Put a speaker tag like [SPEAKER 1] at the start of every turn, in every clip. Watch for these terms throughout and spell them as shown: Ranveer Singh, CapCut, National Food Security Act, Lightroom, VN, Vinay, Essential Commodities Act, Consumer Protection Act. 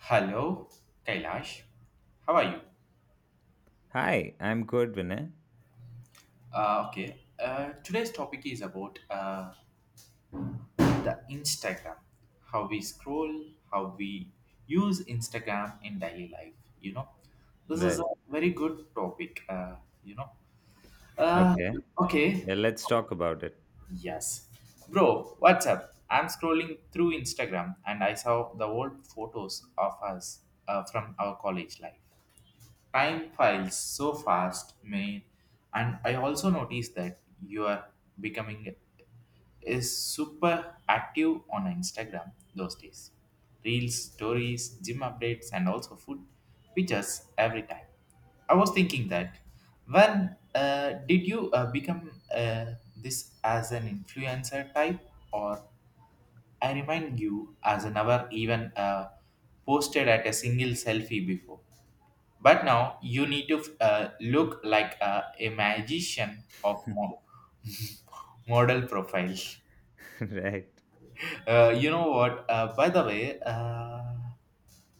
[SPEAKER 1] Hello, Kailash. How are you?
[SPEAKER 2] Hi, I'm good, Vinay.
[SPEAKER 1] Okay. Today's topic is about the Instagram. How we scroll, how we use Instagram in daily life. You know, this is
[SPEAKER 2] Right.
[SPEAKER 1] a very good topic. You know. Uh,
[SPEAKER 2] Okay.
[SPEAKER 1] okay.
[SPEAKER 2] Yeah, let's talk about it.
[SPEAKER 1] Yes, bro. What's up? I'm scrolling through Instagram and I saw the old photos of us from our college life. Time files so fast, man, and I also noticed that you are becoming is super active on Instagram those days, reels, stories, gym updates, and also food pictures every time. I was thinking that when did you become this as an influencer type, or I remind you as I never even posted at a single selfie before, but now you need to look like a magician of model profile.
[SPEAKER 2] Right.
[SPEAKER 1] You know what? By the way,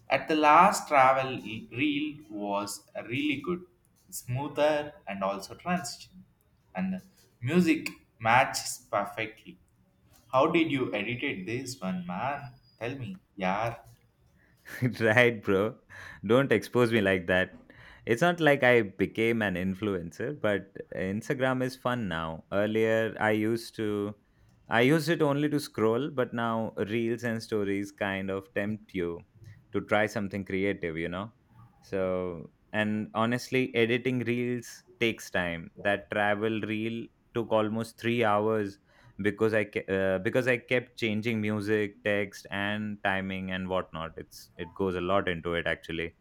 [SPEAKER 1] at the last travel reel was really good, smoother and also transition, and the music matches perfectly. How did you edited this one, man? Tell me, yeah.
[SPEAKER 2] Right, bro. Don't expose me like that. It's not like I became an influencer, but Instagram is fun now. Earlier, I used it only to scroll, but now reels and stories kind of tempt you to try something creative, you know? So, and honestly, editing reels takes time. That travel reel took almost 3 hours because because I kept changing music, text, and timing and whatnot. It goes a lot into it actually.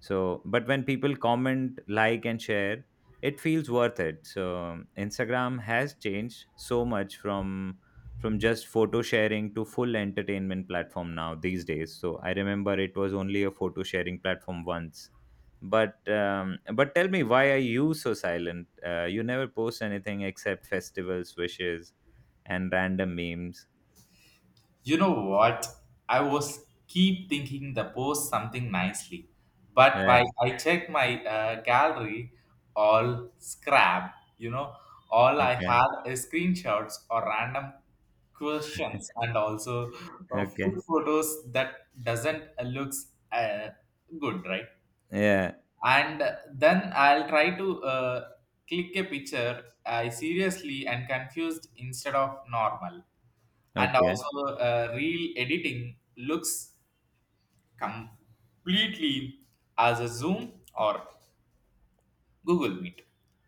[SPEAKER 2] So, but when people comment, like, and share, it feels worth it. So Instagram has changed so much from just photo sharing to full entertainment platform now these days. So I remember it was only a photo sharing platform once. But tell me, why are you so silent? You never post anything except festivals, wishes, and random memes.
[SPEAKER 1] You know what? I was keep thinking the post something nicely, but while
[SPEAKER 2] Right.
[SPEAKER 1] I check my gallery, all scrap. You know, all I
[SPEAKER 2] Okay.
[SPEAKER 1] had is screenshots or random questions, and also full
[SPEAKER 2] Okay.
[SPEAKER 1] photos that doesn't looks good, right?
[SPEAKER 2] Yeah.
[SPEAKER 1] And then I'll try to click a picture I seriously and confused instead of normal. And
[SPEAKER 2] Okay.
[SPEAKER 1] also reel editing looks completely as a zoom or Google Meet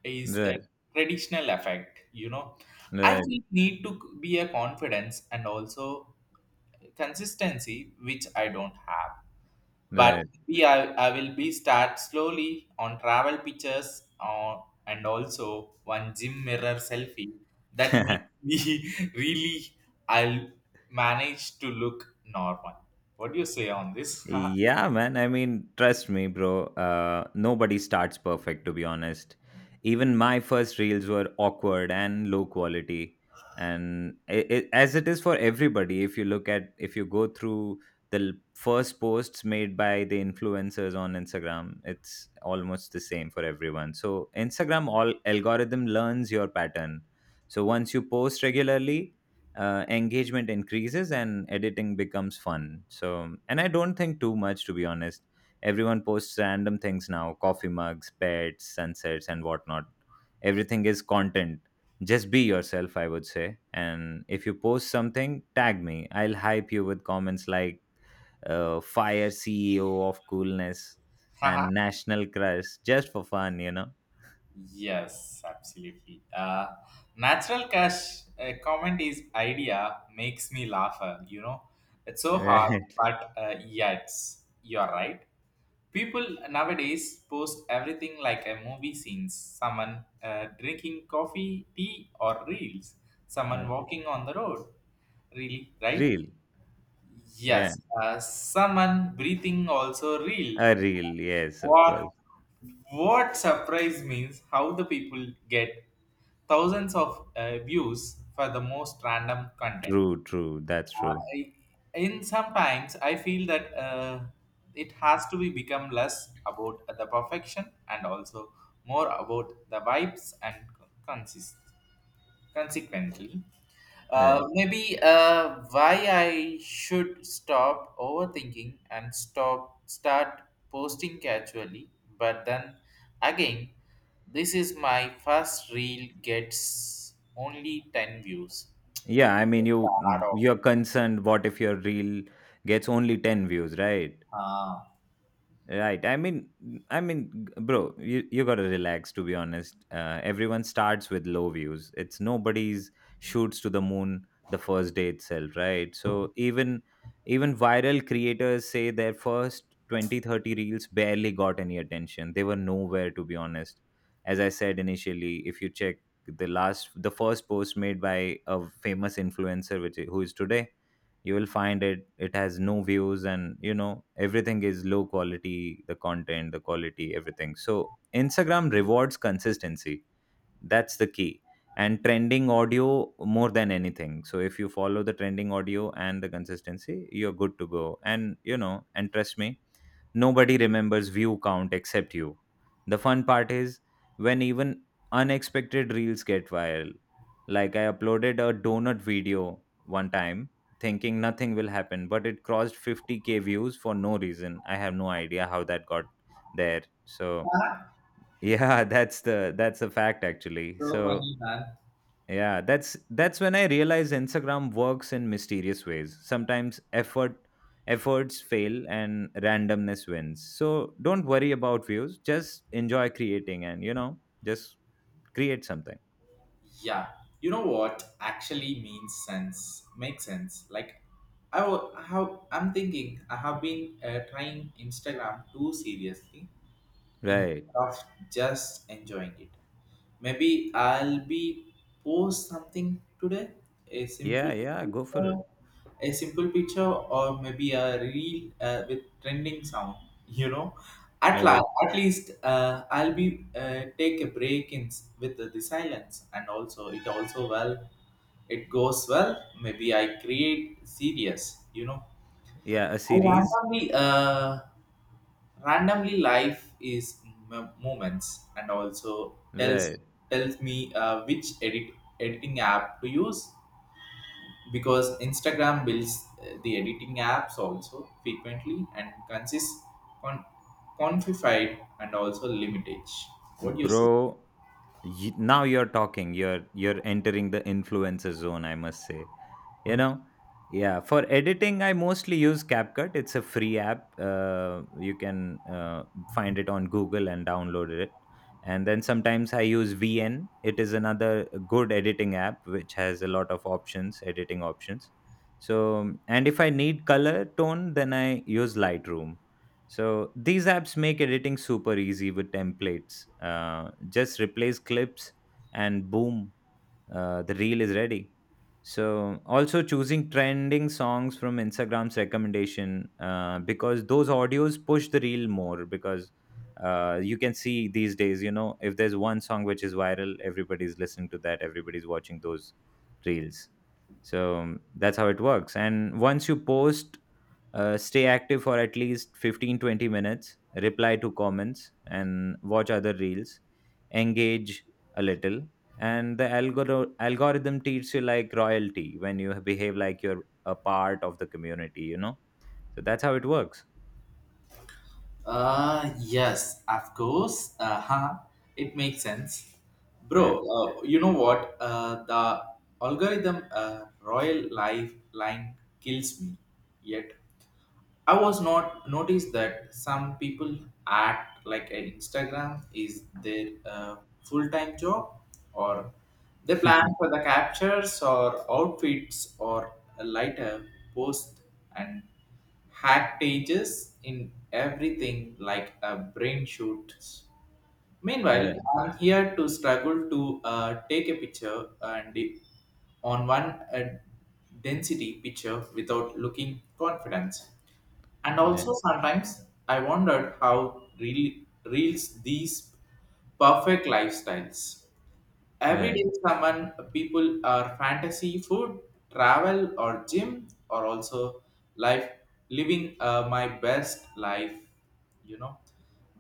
[SPEAKER 1] is a
[SPEAKER 2] Right.
[SPEAKER 1] traditional effect, you know. I
[SPEAKER 2] Right.
[SPEAKER 1] think need to be a confidence and also consistency which I don't have, but
[SPEAKER 2] Right.
[SPEAKER 1] we I will be start slowly on travel pictures and also one gym mirror selfie. That makes me really I'll manage to look normal. What do you say on this?
[SPEAKER 2] Yeah, man. I mean, trust me, bro. Nobody starts perfect, to be honest. Even my first reels were awkward and low quality, and as it is for everybody. If you go through the first posts made by the influencers on Instagram, it's almost the same for everyone. So Instagram all algorithm learns your pattern. So once you post regularly, engagement increases and editing becomes fun. So, and I don't think too much, to be honest. Everyone posts random things now: coffee mugs, pets, sunsets, and whatnot. Everything is content. Just be yourself, I would say. And if you post something, tag me. I'll hype you with comments like fire CEO of coolness
[SPEAKER 1] Haha.
[SPEAKER 2] and national crush just for fun, you know?
[SPEAKER 1] Yes, absolutely. Natural cash comment is idea makes me laugh. You know, it's so hard, but yeah, it's, you're right. People nowadays post everything like a movie scenes, someone drinking coffee, tea, or reels, someone
[SPEAKER 2] Right.
[SPEAKER 1] walking on the road. Really, right?
[SPEAKER 2] Real.
[SPEAKER 1] Yes,
[SPEAKER 2] Yeah.
[SPEAKER 1] someone breathing also real.
[SPEAKER 2] A real. Yes, of
[SPEAKER 1] What
[SPEAKER 2] course.
[SPEAKER 1] what surprise means how the people get thousands of views for the most random content.
[SPEAKER 2] True, true. That's
[SPEAKER 1] Uh,
[SPEAKER 2] true.
[SPEAKER 1] I- in sometimes I feel that it has to be become less about the perfection and also more about the vibes and consist consequently.
[SPEAKER 2] Uh,
[SPEAKER 1] Maybe why I should stop overthinking and stop start posting casually, but then again, this is my first reel gets only 10 views.
[SPEAKER 2] yeah, I mean,
[SPEAKER 1] Hard
[SPEAKER 2] you're concerned. What if your reel gets only ten views, right?
[SPEAKER 1] off.
[SPEAKER 2] Right. I mean, Bro, you gotta relax. To be honest, everyone starts with low views. It's nobody's shoots to the moon the first day itself, right? So even viral creators say their first 20 30 reels barely got any attention. They were nowhere, to be honest. As I said initially, if you check the first post made by a famous influencer, which who is today, you will find it has no views. And you know, everything is low quality: the content, the quality, everything. So Instagram rewards consistency. That's the key, and trending audio more than anything. So if you follow the trending audio and the consistency, you're good to go. And you know, and trust me, nobody remembers view count except you. The fun part is when even unexpected reels get viral. Like I uploaded a donut video one time thinking nothing will happen, but it crossed 50K views for no reason. I have no idea how that got there. So, yeah, that's a fact actually.
[SPEAKER 1] So
[SPEAKER 2] So,
[SPEAKER 1] funny, man.
[SPEAKER 2] yeah, that's when I realize Instagram works in mysterious ways. Sometimes efforts fail and randomness wins. So don't worry about views. Just enjoy creating, and you know, just create something.
[SPEAKER 1] Yeah. You know what actually means sense? Makes sense. Like, I will, how I'm thinking, I have been trying Instagram too seriously.
[SPEAKER 2] Right.
[SPEAKER 1] Instead of just enjoying it. Maybe I'll be post something today, a simple
[SPEAKER 2] Yeah, yeah, go for it.
[SPEAKER 1] picture, or maybe a reel with trending sound. You know, at last,
[SPEAKER 2] Right.
[SPEAKER 1] at least I'll be take a break in with the, silence, and also it also well it goes well. Maybe I create series. You know,
[SPEAKER 2] Yeah, a
[SPEAKER 1] I
[SPEAKER 2] series.
[SPEAKER 1] randomly life is moments and also
[SPEAKER 2] Right.
[SPEAKER 1] tells me which editing app to use because Instagram builds the editing apps also frequently and con- quantified and also limitage, what do you say?
[SPEAKER 2] Bro, now you're talking. You're entering the influencer zone, I must say. You know? Yeah, for editing I mostly use CapCut. It's a free app. You can find it on Google and download it. And then sometimes I use VN. It is another good editing app which has a lot of options, editing options. So, and if I need color tone, then I use Lightroom. So these apps make editing super easy with templates. Just replace clips and boom, the reel is ready. So also choosing trending songs from Instagram's recommendation, because those audios push the reel more. Because you can see these days, you know, if there's one song which is viral, everybody's listening to that, everybody's watching those reels. So that's how it works. And once you post, stay active for at least 15 20 minutes, reply to comments and watch other reels, engage a little, and the algorithm treats you like royalty when you behave like you're a part of the community, you know. So that's how it works.
[SPEAKER 1] Yes, of course. Huh. It makes sense. Bro,
[SPEAKER 2] Yeah.
[SPEAKER 1] you know what? The algorithm Royal Life line kills me yet. I was not noticed that some people act like a Instagram is their full time job, or they plan for the captures or outfits or a lighter post and hack pages in everything like a brain shoots. Meanwhile,
[SPEAKER 2] Right.
[SPEAKER 1] I'm here to struggle to take a picture and on one uh, density picture without looking confident. And
[SPEAKER 2] Right.
[SPEAKER 1] also sometimes I wondered how really reels these perfect lifestyles. Every
[SPEAKER 2] Right.
[SPEAKER 1] day, someone people are fantasy, food, travel, or gym, or also life, living my best life, you know.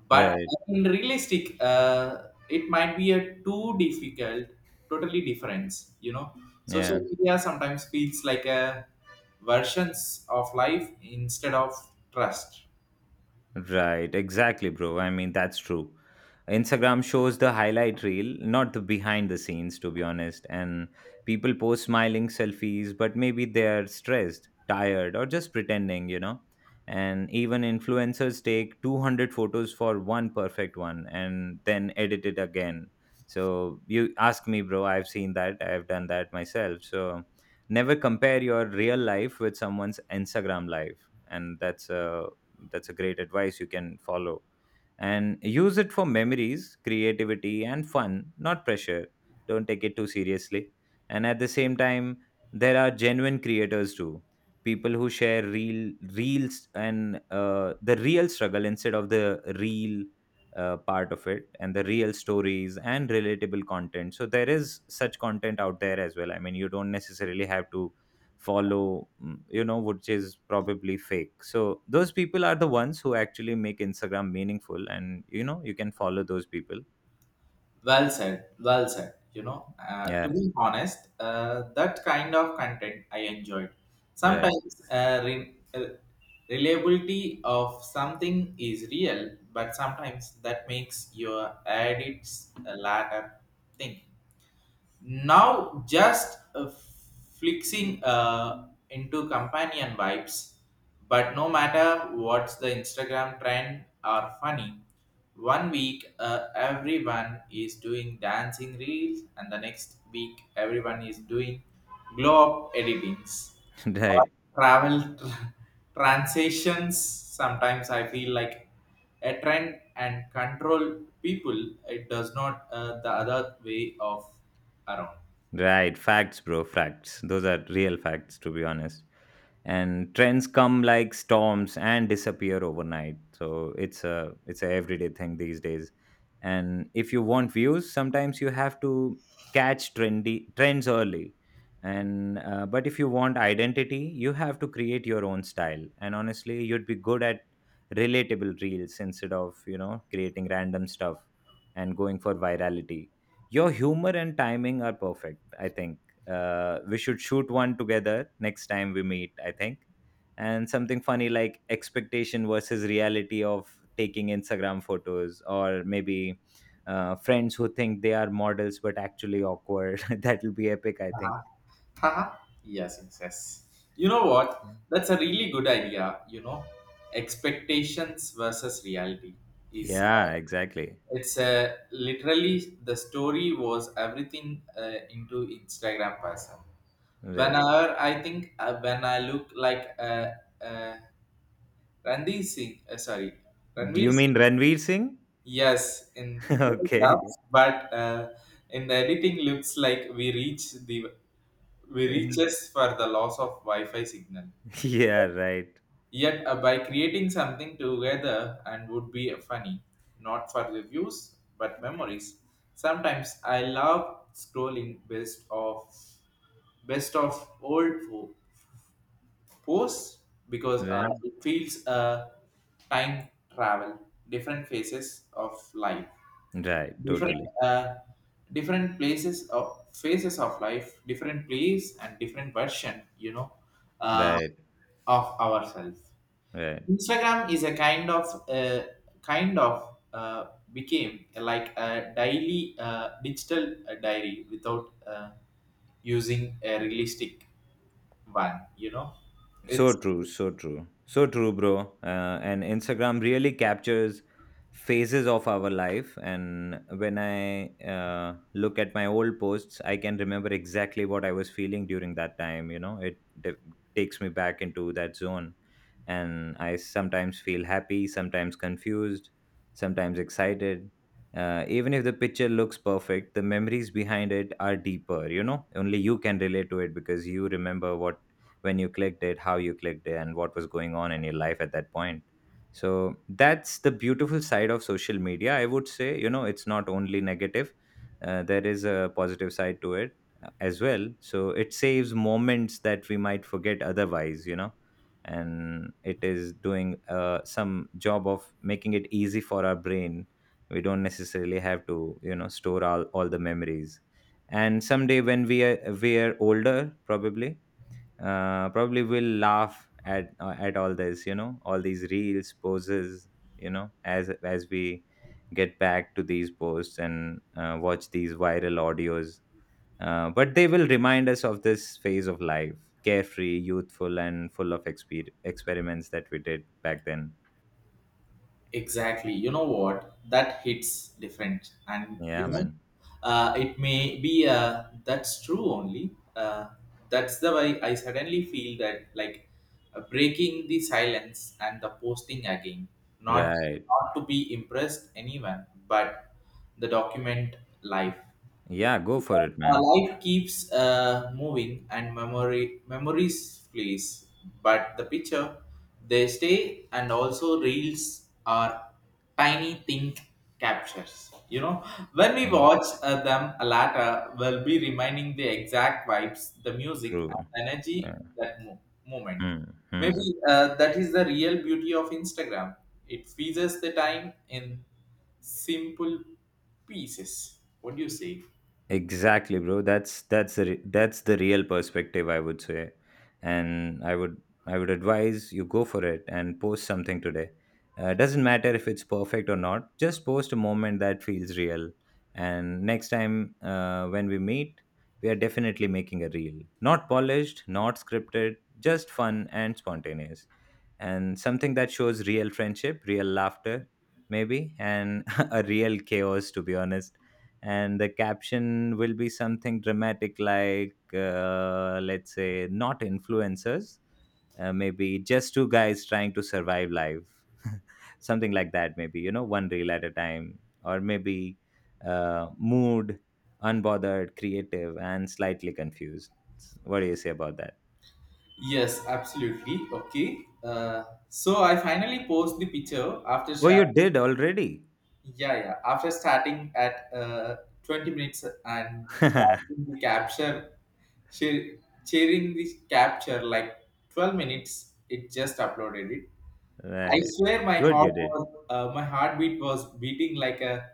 [SPEAKER 1] But
[SPEAKER 2] Right.
[SPEAKER 1] in realistic, it might be a too difficult, totally different, you know. Social
[SPEAKER 2] Yeah.
[SPEAKER 1] media sometimes feels like a versions of life instead of trust.
[SPEAKER 2] Right, exactly, bro. I mean, that's true. Instagram shows the highlight reel, not the behind the scenes, to be honest. And people post smiling selfies, but maybe they're stressed, tired, or just pretending, you know. And even influencers take 200 photos for one perfect one and then edit it again. So, you ask me, bro, I've seen that, I've done that myself. So, never compare your real life with someone's Instagram life. And that's a great advice you can follow and use it for memories, creativity, and fun, not pressure. Don't take it too seriously. And at the same time, there are genuine creators too, people who share real reels and the real struggle instead of the real part of it, and the real stories and relatable content. So there is such content out there as well. I mean, you don't necessarily have to follow you know, which is probably fake. So those people are the ones who actually make Instagram meaningful, and you know, you can follow those people.
[SPEAKER 1] Well said, well said. You know, to
[SPEAKER 2] Yeah.
[SPEAKER 1] be honest, that kind of content I enjoyed.
[SPEAKER 2] Right.
[SPEAKER 1] Sometimes reliability of something is real, but sometimes that makes your edits a latter thing now just flixing into companion vibes, but no matter what's the Instagram trend are funny. One week everyone is doing dancing reels and the next week everyone is doing glow up editings or
[SPEAKER 2] Right.
[SPEAKER 1] transitions. Sometimes I feel like a trend and control people, it does not the other way of around.
[SPEAKER 2] Right, facts, bro, facts. Those are real facts, to be honest. And trends come like storms and disappear overnight. So it's a everyday thing these days. And if you want views, sometimes you have to catch trendy trends early. And but if you want identity, you have to create your own style. And honestly, you'd be good at relatable reels instead of, you know, creating random stuff and going for virality. Your humor and timing are perfect, I think. We should shoot one together next time we meet, I think. And something funny, like expectation versus reality of taking Instagram photos, or maybe friends who think they are models but actually awkward. That'll be epic, I think.
[SPEAKER 1] Uh-huh. Haha. Yes, yes, yes, you know what, that's a really good idea, you know, expectations versus reality is.
[SPEAKER 2] Yeah, exactly.
[SPEAKER 1] It's literally the story was everything into Instagram person.
[SPEAKER 2] Right.
[SPEAKER 1] Whenever I think when I look like uh, Ranveer Singh, sorry,
[SPEAKER 2] Do
[SPEAKER 1] Ranveer
[SPEAKER 2] you mean
[SPEAKER 1] Singh,
[SPEAKER 2] Ranveer Singh?
[SPEAKER 1] yes, in
[SPEAKER 2] Okay.
[SPEAKER 1] photographs, but in the editing looks like we reaches for the loss of Wi-Fi signal.
[SPEAKER 2] Yeah, right.
[SPEAKER 1] Yet, by creating something together and would be funny, not for the views but memories. Sometimes I love scrolling best of old fo- posts because
[SPEAKER 2] Right.
[SPEAKER 1] it feels time travel, different phases of life,
[SPEAKER 2] Right.
[SPEAKER 1] different
[SPEAKER 2] Totally.
[SPEAKER 1] uh, different places of phases of life, different place and different version, you know, uh,
[SPEAKER 2] Right.
[SPEAKER 1] of ourselves.
[SPEAKER 2] Right.
[SPEAKER 1] Instagram is a kind of kind of uh, became like a daily digital diary without using a realistic one. You know,
[SPEAKER 2] So
[SPEAKER 1] it's
[SPEAKER 2] true, so true, so true, bro. And Instagram really captures phases of our life. And when I look at my old posts, I can remember exactly what I was feeling during that time. You know, takes me back into that zone. And I sometimes feel happy, sometimes confused, sometimes excited. Even if the picture looks perfect, the memories behind it are deeper. You know, only you can relate to it, because you remember what when you clicked it, how you clicked it, and what was going on in your life at that point. So that's the beautiful side of social media, I would say. You know, it's not only negative, there is a positive side to it as well. So it saves moments that we might forget otherwise, you know. And it is doing some job of making it easy for our brain. We don't necessarily have to, you know, store all the memories. And someday when we are older, probably probably will laugh at all this, you know, all these reels poses, you know, as we get back to these posts and watch these viral audios. But they will remind us of this phase of life, carefree, youthful, and full of experiments that we did back then.
[SPEAKER 1] Exactly. You know what? That hits different. And you
[SPEAKER 2] Yeah,
[SPEAKER 1] know,
[SPEAKER 2] man.
[SPEAKER 1] it may be that's true only. Uh, that's the way I suddenly feel that like breaking the silence and the posting again. Not
[SPEAKER 2] Right.
[SPEAKER 1] not to be impressed anyone, but the document life.
[SPEAKER 2] Yeah, go for it, man.
[SPEAKER 1] Life keeps moving and memory memories flees, but the picture they stay, and also reels are tiny thing captures. You know, when we
[SPEAKER 2] Yeah,
[SPEAKER 1] watch them later, we'll be reminding the exact vibes, the music,
[SPEAKER 2] true.
[SPEAKER 1] and the energy
[SPEAKER 2] Yeah.
[SPEAKER 1] that moment.
[SPEAKER 2] Hmm,
[SPEAKER 1] Maybe
[SPEAKER 2] hmm.
[SPEAKER 1] that is the real beauty of Instagram. It freezes the time in simple pieces. What do you say?
[SPEAKER 2] Exactly, bro. That's the real perspective, I would say, and I would advise you go for it and post something today. Doesn't matter if it's perfect or not. Just post a moment that feels real, and next time when we meet, we are definitely making a reel. Not polished, not scripted, just fun and spontaneous, and something that shows real friendship, real laughter, maybe, and a real chaos, to be honest. And the caption will be something dramatic like, let's say, not influencers, maybe just two guys trying to survive life. Something like that, maybe, you know, one reel at a time. Or maybe mood, unbothered, creative, and slightly confused. What do you say about that?
[SPEAKER 1] Yes, absolutely. Okay. So I finally post the picture after
[SPEAKER 2] Oh, you did already.
[SPEAKER 1] yeah, yeah, after starting at 20 minutes and starting the capture share, sharing the capture like 12 minutes it just uploaded it. I
[SPEAKER 2] Right.
[SPEAKER 1] swear my
[SPEAKER 2] Good you
[SPEAKER 1] heart
[SPEAKER 2] did.
[SPEAKER 1] was my heartbeat was beating like a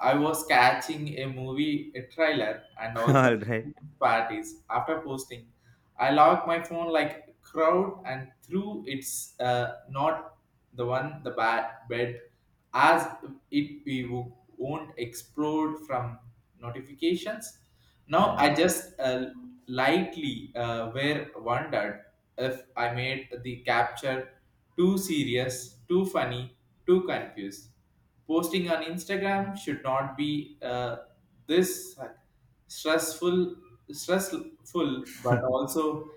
[SPEAKER 1] I was catching a movie a trailer and
[SPEAKER 2] All
[SPEAKER 1] also
[SPEAKER 2] right.
[SPEAKER 1] parties after posting I lock my phone like crowd and through it's not the one the bad bed as it won't explode from notifications. Now
[SPEAKER 2] Right.
[SPEAKER 1] I just lightly were wondered if I made the capture too serious, too funny, too confused. Posting on Instagram should not be this stressful stressful, but also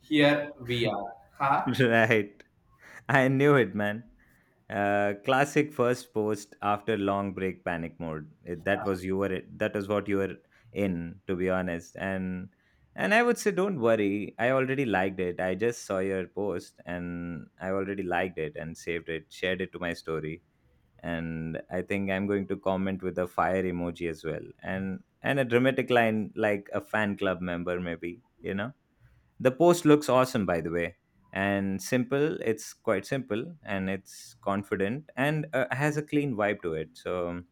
[SPEAKER 1] here we are, huh.
[SPEAKER 2] Right. I knew it, man. Classic first post after long break panic mode. It, that was you were that was what you were in, to be honest. And I would say don't worry. I already liked it. I just saw your post and I already liked it and saved it, shared it to my story. And I think I'm going to comment with a fire emoji as well and a dramatic line like a fan club member, maybe. You know, the post looks awesome, by the way, and simple. It's quite simple and it's confident and has a clean vibe to it. So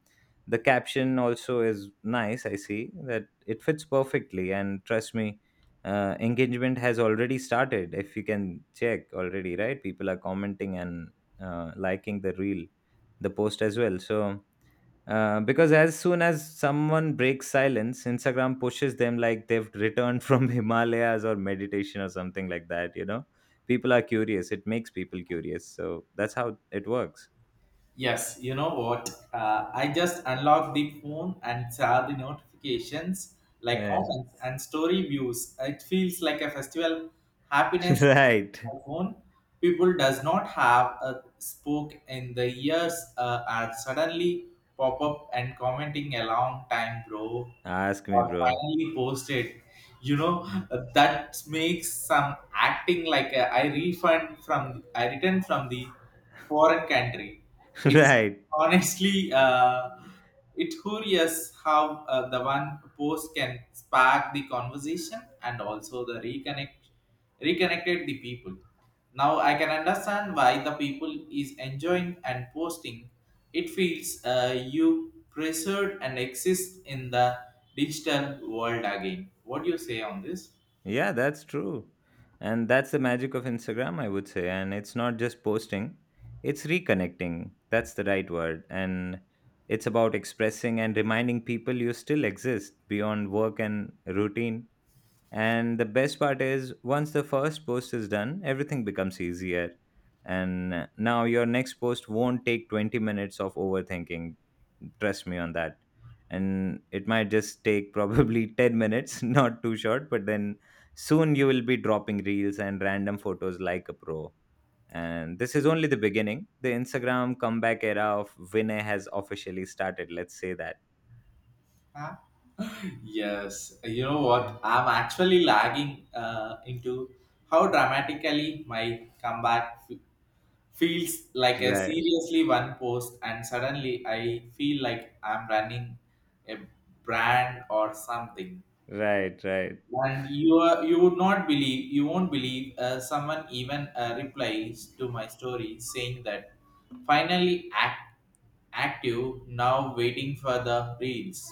[SPEAKER 2] the caption also is nice. I see that it fits perfectly, and trust me, engagement has already started. If you can check already, right? People are commenting and liking the reel, the post as well. So because as soon as someone breaks silence, Instagram pushes them like they've returned from Himalayas or meditation or something like that. You know, people are curious. It makes people curious. So that's how it works.
[SPEAKER 1] Yes, you know what, I just unlocked the phone and saw the notifications like
[SPEAKER 2] Right.
[SPEAKER 1] comments and story views, it feels like a festival happiness on
[SPEAKER 2] Right.
[SPEAKER 1] my phone. People does not have a spoke in the years are suddenly pop up and commenting a long time, bro,
[SPEAKER 2] Ask me,
[SPEAKER 1] or
[SPEAKER 2] bro.
[SPEAKER 1] finally posted, you know, that makes some acting like a, I refund from I returned from the foreign country. It's
[SPEAKER 2] Right.
[SPEAKER 1] honestly it curious how the one post can spark the conversation and also the reconnected the people. Now I can understand why the people is enjoying and posting. It feels you preserved and exist in the digital world again. What do you say on this?
[SPEAKER 2] Yeah, that's true. And that's the magic of Instagram, I would say. And it's not just posting, it's reconnecting. That's the right word. And it's about expressing and reminding people you still exist beyond work and routine. And the best part is, once the first post is done, everything becomes easier. And now your next post won't take 20 minutes of overthinking. Trust me on that. And it might just take probably 10 minutes, not too short, but then soon you will be dropping reels and random photos like a pro. And this is only the beginning. The Instagram comeback era of Vinay has officially started. Let's say that.
[SPEAKER 1] Huh? Yes, you know what? I'm actually lagging into how dramatically my comeback feels like a
[SPEAKER 2] Right,
[SPEAKER 1] seriously one post, and suddenly I feel like I'm running a brand or something.
[SPEAKER 2] right, right.
[SPEAKER 1] And you are, you would not believe, you won't believe, someone even replies to my story saying that finally act, active, now waiting for the reels.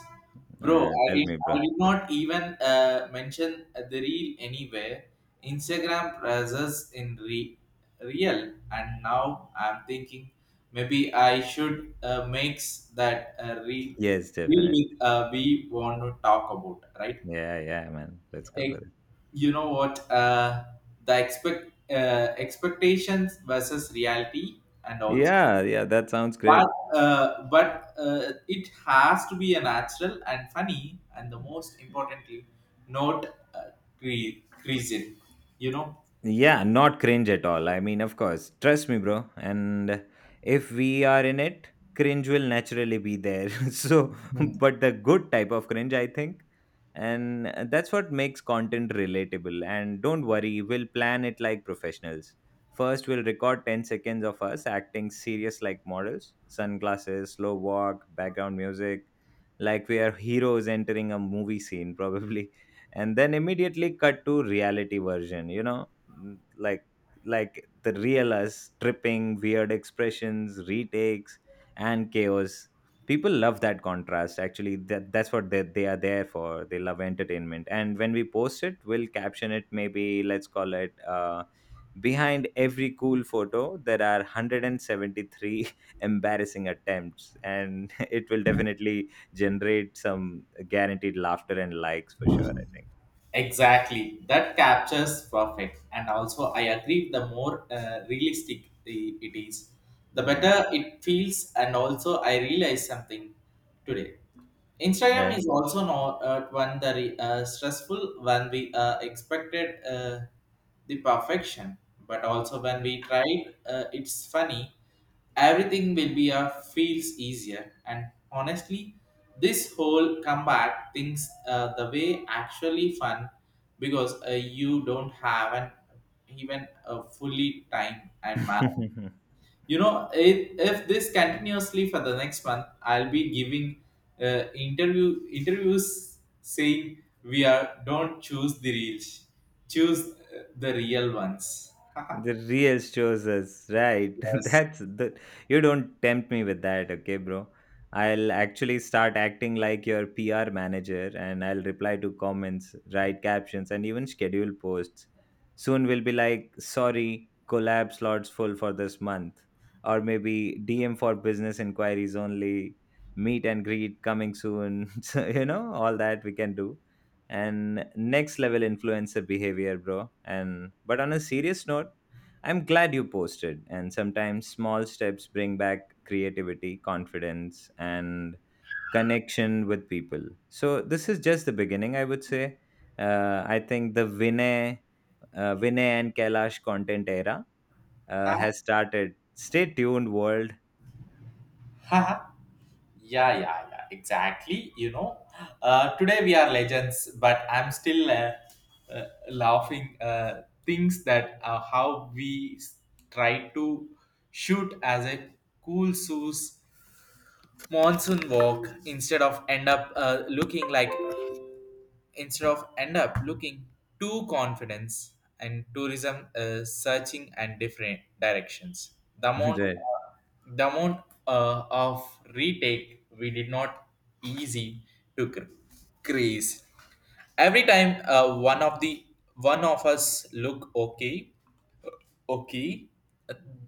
[SPEAKER 1] Bro,
[SPEAKER 2] Tell me,
[SPEAKER 1] I
[SPEAKER 2] bro.
[SPEAKER 1] did not even mention the reel anywhere. Instagram presses in real, and now I'm thinking maybe I should mix that
[SPEAKER 2] Yes,
[SPEAKER 1] reel
[SPEAKER 2] definitely.
[SPEAKER 1] with, we want to talk about, right?
[SPEAKER 2] Yeah, yeah, man. Let's go
[SPEAKER 1] Eh,
[SPEAKER 2] for it.
[SPEAKER 1] you know what, the expectations versus reality, and also
[SPEAKER 2] Yeah, yeah, that sounds
[SPEAKER 1] but
[SPEAKER 2] great.
[SPEAKER 1] but it has to be a natural and funny and the most importantly not uh, creasing, you know.
[SPEAKER 2] Yeah, not cringe at all. I mean, of course. Trust me, bro. And if we are in it, cringe will naturally be there. So,
[SPEAKER 1] Hmm.
[SPEAKER 2] but the good type of cringe, I think. And that's what makes content relatable. And don't worry, we'll plan it like professionals. First, we'll record 10 seconds of us acting serious like models, sunglasses, slow walk, background music, like we are heroes entering a movie scene, probably. And then immediately cut to reality version, you know, like like the real us, tripping, weird expressions, retakes and chaos. People love that contrast, actually. That, that's what they are there for. They love entertainment. And when we post it, we'll caption it, maybe. Let's call it behind every cool photo there are 173 embarrassing attempts, and it will definitely generate some guaranteed laughter and likes for sure, I think.
[SPEAKER 1] Exactly, that captures perfect and also I agree the more realistic it is the
[SPEAKER 2] Yeah.
[SPEAKER 1] better it feels, and also I realized something today. Instagram
[SPEAKER 2] Eh?
[SPEAKER 1] is also not one stressful when we expected the perfection, but also when we tried, it's funny. Everything will be feels easier, and honestly, this whole comeback things the way actually fun because you don't have an even a fully time and, man, you know, if this continuously for the next month I'll be giving interviews saying we are don't choose the reels, choose the real ones.
[SPEAKER 2] The real shows us, right?
[SPEAKER 1] Yes.
[SPEAKER 2] That's the You don't tempt me with that, okay, bro. I'll actually start acting like your PR manager, and I'll reply to comments, write captions, and even schedule posts. Soon we'll be like, sorry, collab slots full for this month. Or maybe DM for business inquiries only, meet and greet coming soon. So, you know, all that we can do. And next level influencer behavior, bro. And but on a serious note, I'm glad you posted. And sometimes small steps bring back creativity, confidence, and connection with people. So this is just the beginning, I would say. I think the Vinay, Vinay and Kailash content era has started. Stay tuned, world.
[SPEAKER 1] Haha. Yeah, yeah, yeah, exactly, you know, today we are legends, but I'm still uh, laughing things that how we try to shoot as a cool shoes monsoon walk instead of end up looking too confidence and tourism searching and different directions, the amount
[SPEAKER 2] Right.
[SPEAKER 1] uh, the amount of retake we did not easy to crease every time one of us look okay. Okay,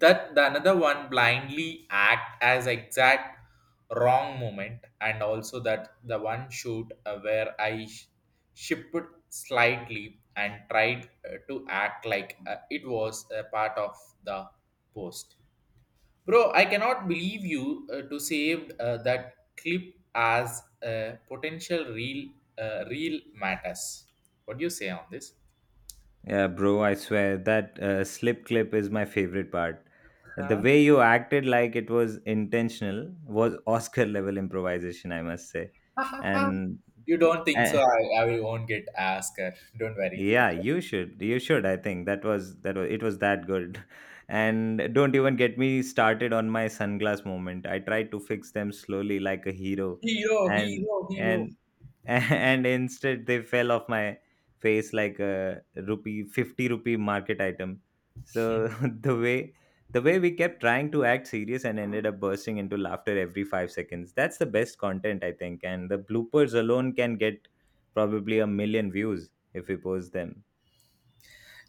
[SPEAKER 1] that the another one blindly act as exact wrong moment, and also that the one shoot where I shipped slightly and tried to act like it was a part of the post. Bro, I cannot believe you to saved that clip as a potential real uh, real matters. What do you say on this?
[SPEAKER 2] Yeah, bro, I swear that slip clip is my favorite part. The way you acted like it was intentional was Oscar level improvisation, I must say. And
[SPEAKER 1] You don't think
[SPEAKER 2] Uh,
[SPEAKER 1] so? I won't get asked. Her. Don't worry.
[SPEAKER 2] yeah,
[SPEAKER 1] Okay.
[SPEAKER 2] you should. You should. I think that was it was that good. And don't even get me started on my sunglass moment. I tried to fix them slowly like a hero,
[SPEAKER 1] Hero,
[SPEAKER 2] and
[SPEAKER 1] hero, hero.
[SPEAKER 2] and and instead they fell off my face like a rupee 50 rupee market item. So the way the way we kept trying to act serious and ended up bursting into laughter every 5 seconds, that's the best content, I think. And the bloopers alone can get probably a million views if we post them.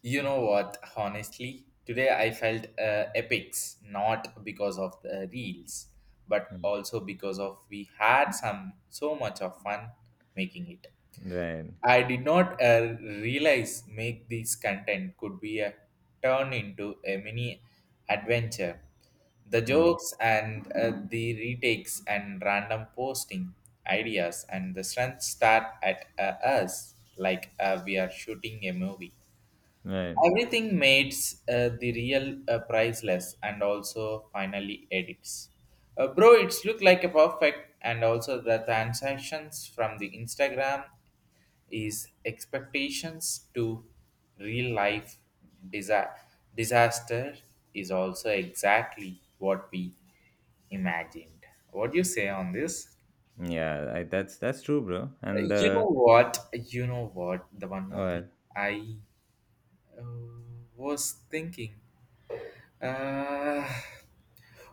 [SPEAKER 1] You know what? Honestly, today I felt epics, not because of the reels, but
[SPEAKER 2] Mm.
[SPEAKER 1] also because of we had some so much of fun making it.
[SPEAKER 2] Right.
[SPEAKER 1] I did not realize make this content could be a turn into a mini adventure. The
[SPEAKER 2] Mm.
[SPEAKER 1] jokes and the retakes and random posting ideas and the strength start at us like we are shooting a movie.
[SPEAKER 2] Right.
[SPEAKER 1] Everything makes the real priceless and also finally edits. Bro, it's look like a perfect and also the transactions from the Instagram is expectations to real life disa- disaster is also exactly what we imagined. What do you say on this?
[SPEAKER 2] Yeah, I, that's true bro. And
[SPEAKER 1] You know what? You know what? The one more thing I uh, was thinking. Uh,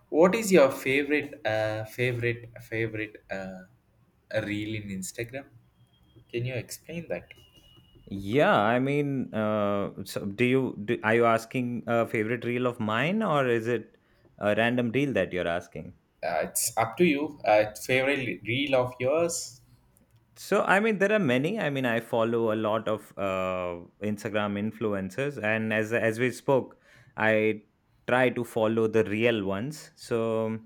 [SPEAKER 1] what is your favorite, favorite reel in Instagram? Can you explain that?
[SPEAKER 2] yeah, I mean, so do you are you asking a favorite reel of mine, or is it a random reel that you're asking?
[SPEAKER 1] It's up to you. Favorite reel of yours?
[SPEAKER 2] So, I mean, there are many. I mean, I follow a lot of Instagram influencers, and as we spoke, I try to follow the real ones. So,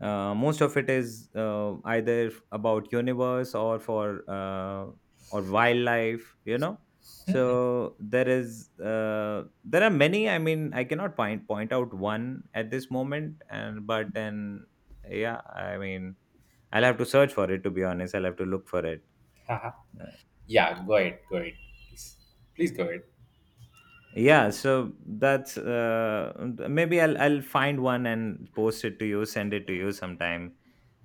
[SPEAKER 2] most of it is either about universe or for or wildlife. You know, so there is there are many. I mean, I cannot point out one at this moment, and but then yeah, I mean, I'll have to search for it. To be honest, I'll have to look for it.
[SPEAKER 1] Haha.
[SPEAKER 2] Uh,
[SPEAKER 1] Yeah, go ahead, please, please go ahead.
[SPEAKER 2] Yeah, so that's maybe I'll find one and post it to you, send it to you sometime.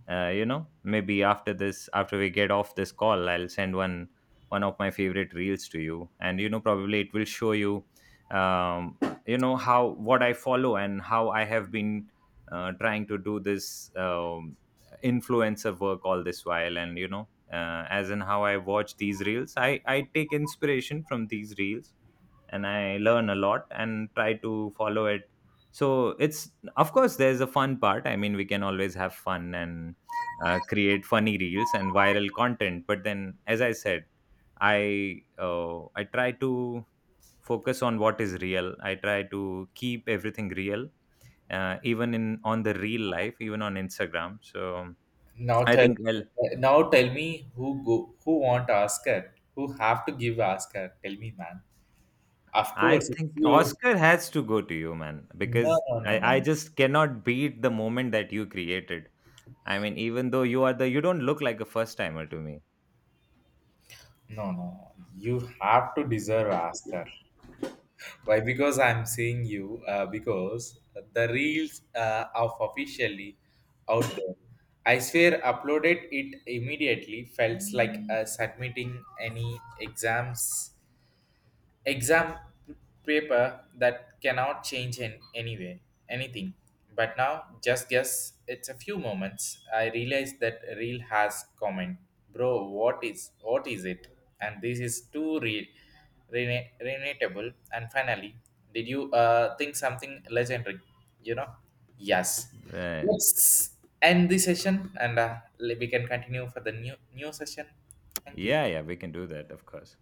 [SPEAKER 2] You know, maybe after this, after we get off this call, I'll send one of my favorite reels to you, and you know, probably it will show you, um, you know, how what I follow and how I have been trying to do this influencer work all this while. And you know, as in how I watch these reels, I take inspiration from these reels and I learn a lot and try to follow it. So it's of course there's a fun part. I mean, we can always have fun and create funny reels and viral content. But then, as I said, I try to focus on what is real. I try to keep everything real, even in on the real life, even on Instagram. So
[SPEAKER 1] Now
[SPEAKER 2] I
[SPEAKER 1] tell,
[SPEAKER 2] think, well,
[SPEAKER 1] now tell me who go, who want Oscar, who have to give Oscar. Tell me, man. Of
[SPEAKER 2] I
[SPEAKER 1] course, it's
[SPEAKER 2] think
[SPEAKER 1] you.
[SPEAKER 2] Oscar has to go to you, man,
[SPEAKER 1] No,
[SPEAKER 2] because
[SPEAKER 1] no, no, no,
[SPEAKER 2] I just cannot beat the moment that you created. I mean, even though you are the, you don't look like a first timer to me.
[SPEAKER 1] no, no. You have to deserve Oscar. Why? Because I'm seeing you. Because the reels of officially out there. I swear, uploaded it immediately. Felt like submitting any exam paper that cannot change in any way anything, but now just guess it's a few moments I realized that real has comment, bro. What is what is it, and this is too real, relatable, and finally did you think something legendary, you know. Yes,
[SPEAKER 2] Right.
[SPEAKER 1] let's end this session, and we can continue for the new session. Thank
[SPEAKER 2] Yeah,
[SPEAKER 1] you.
[SPEAKER 2] yeah, we can do that, of course.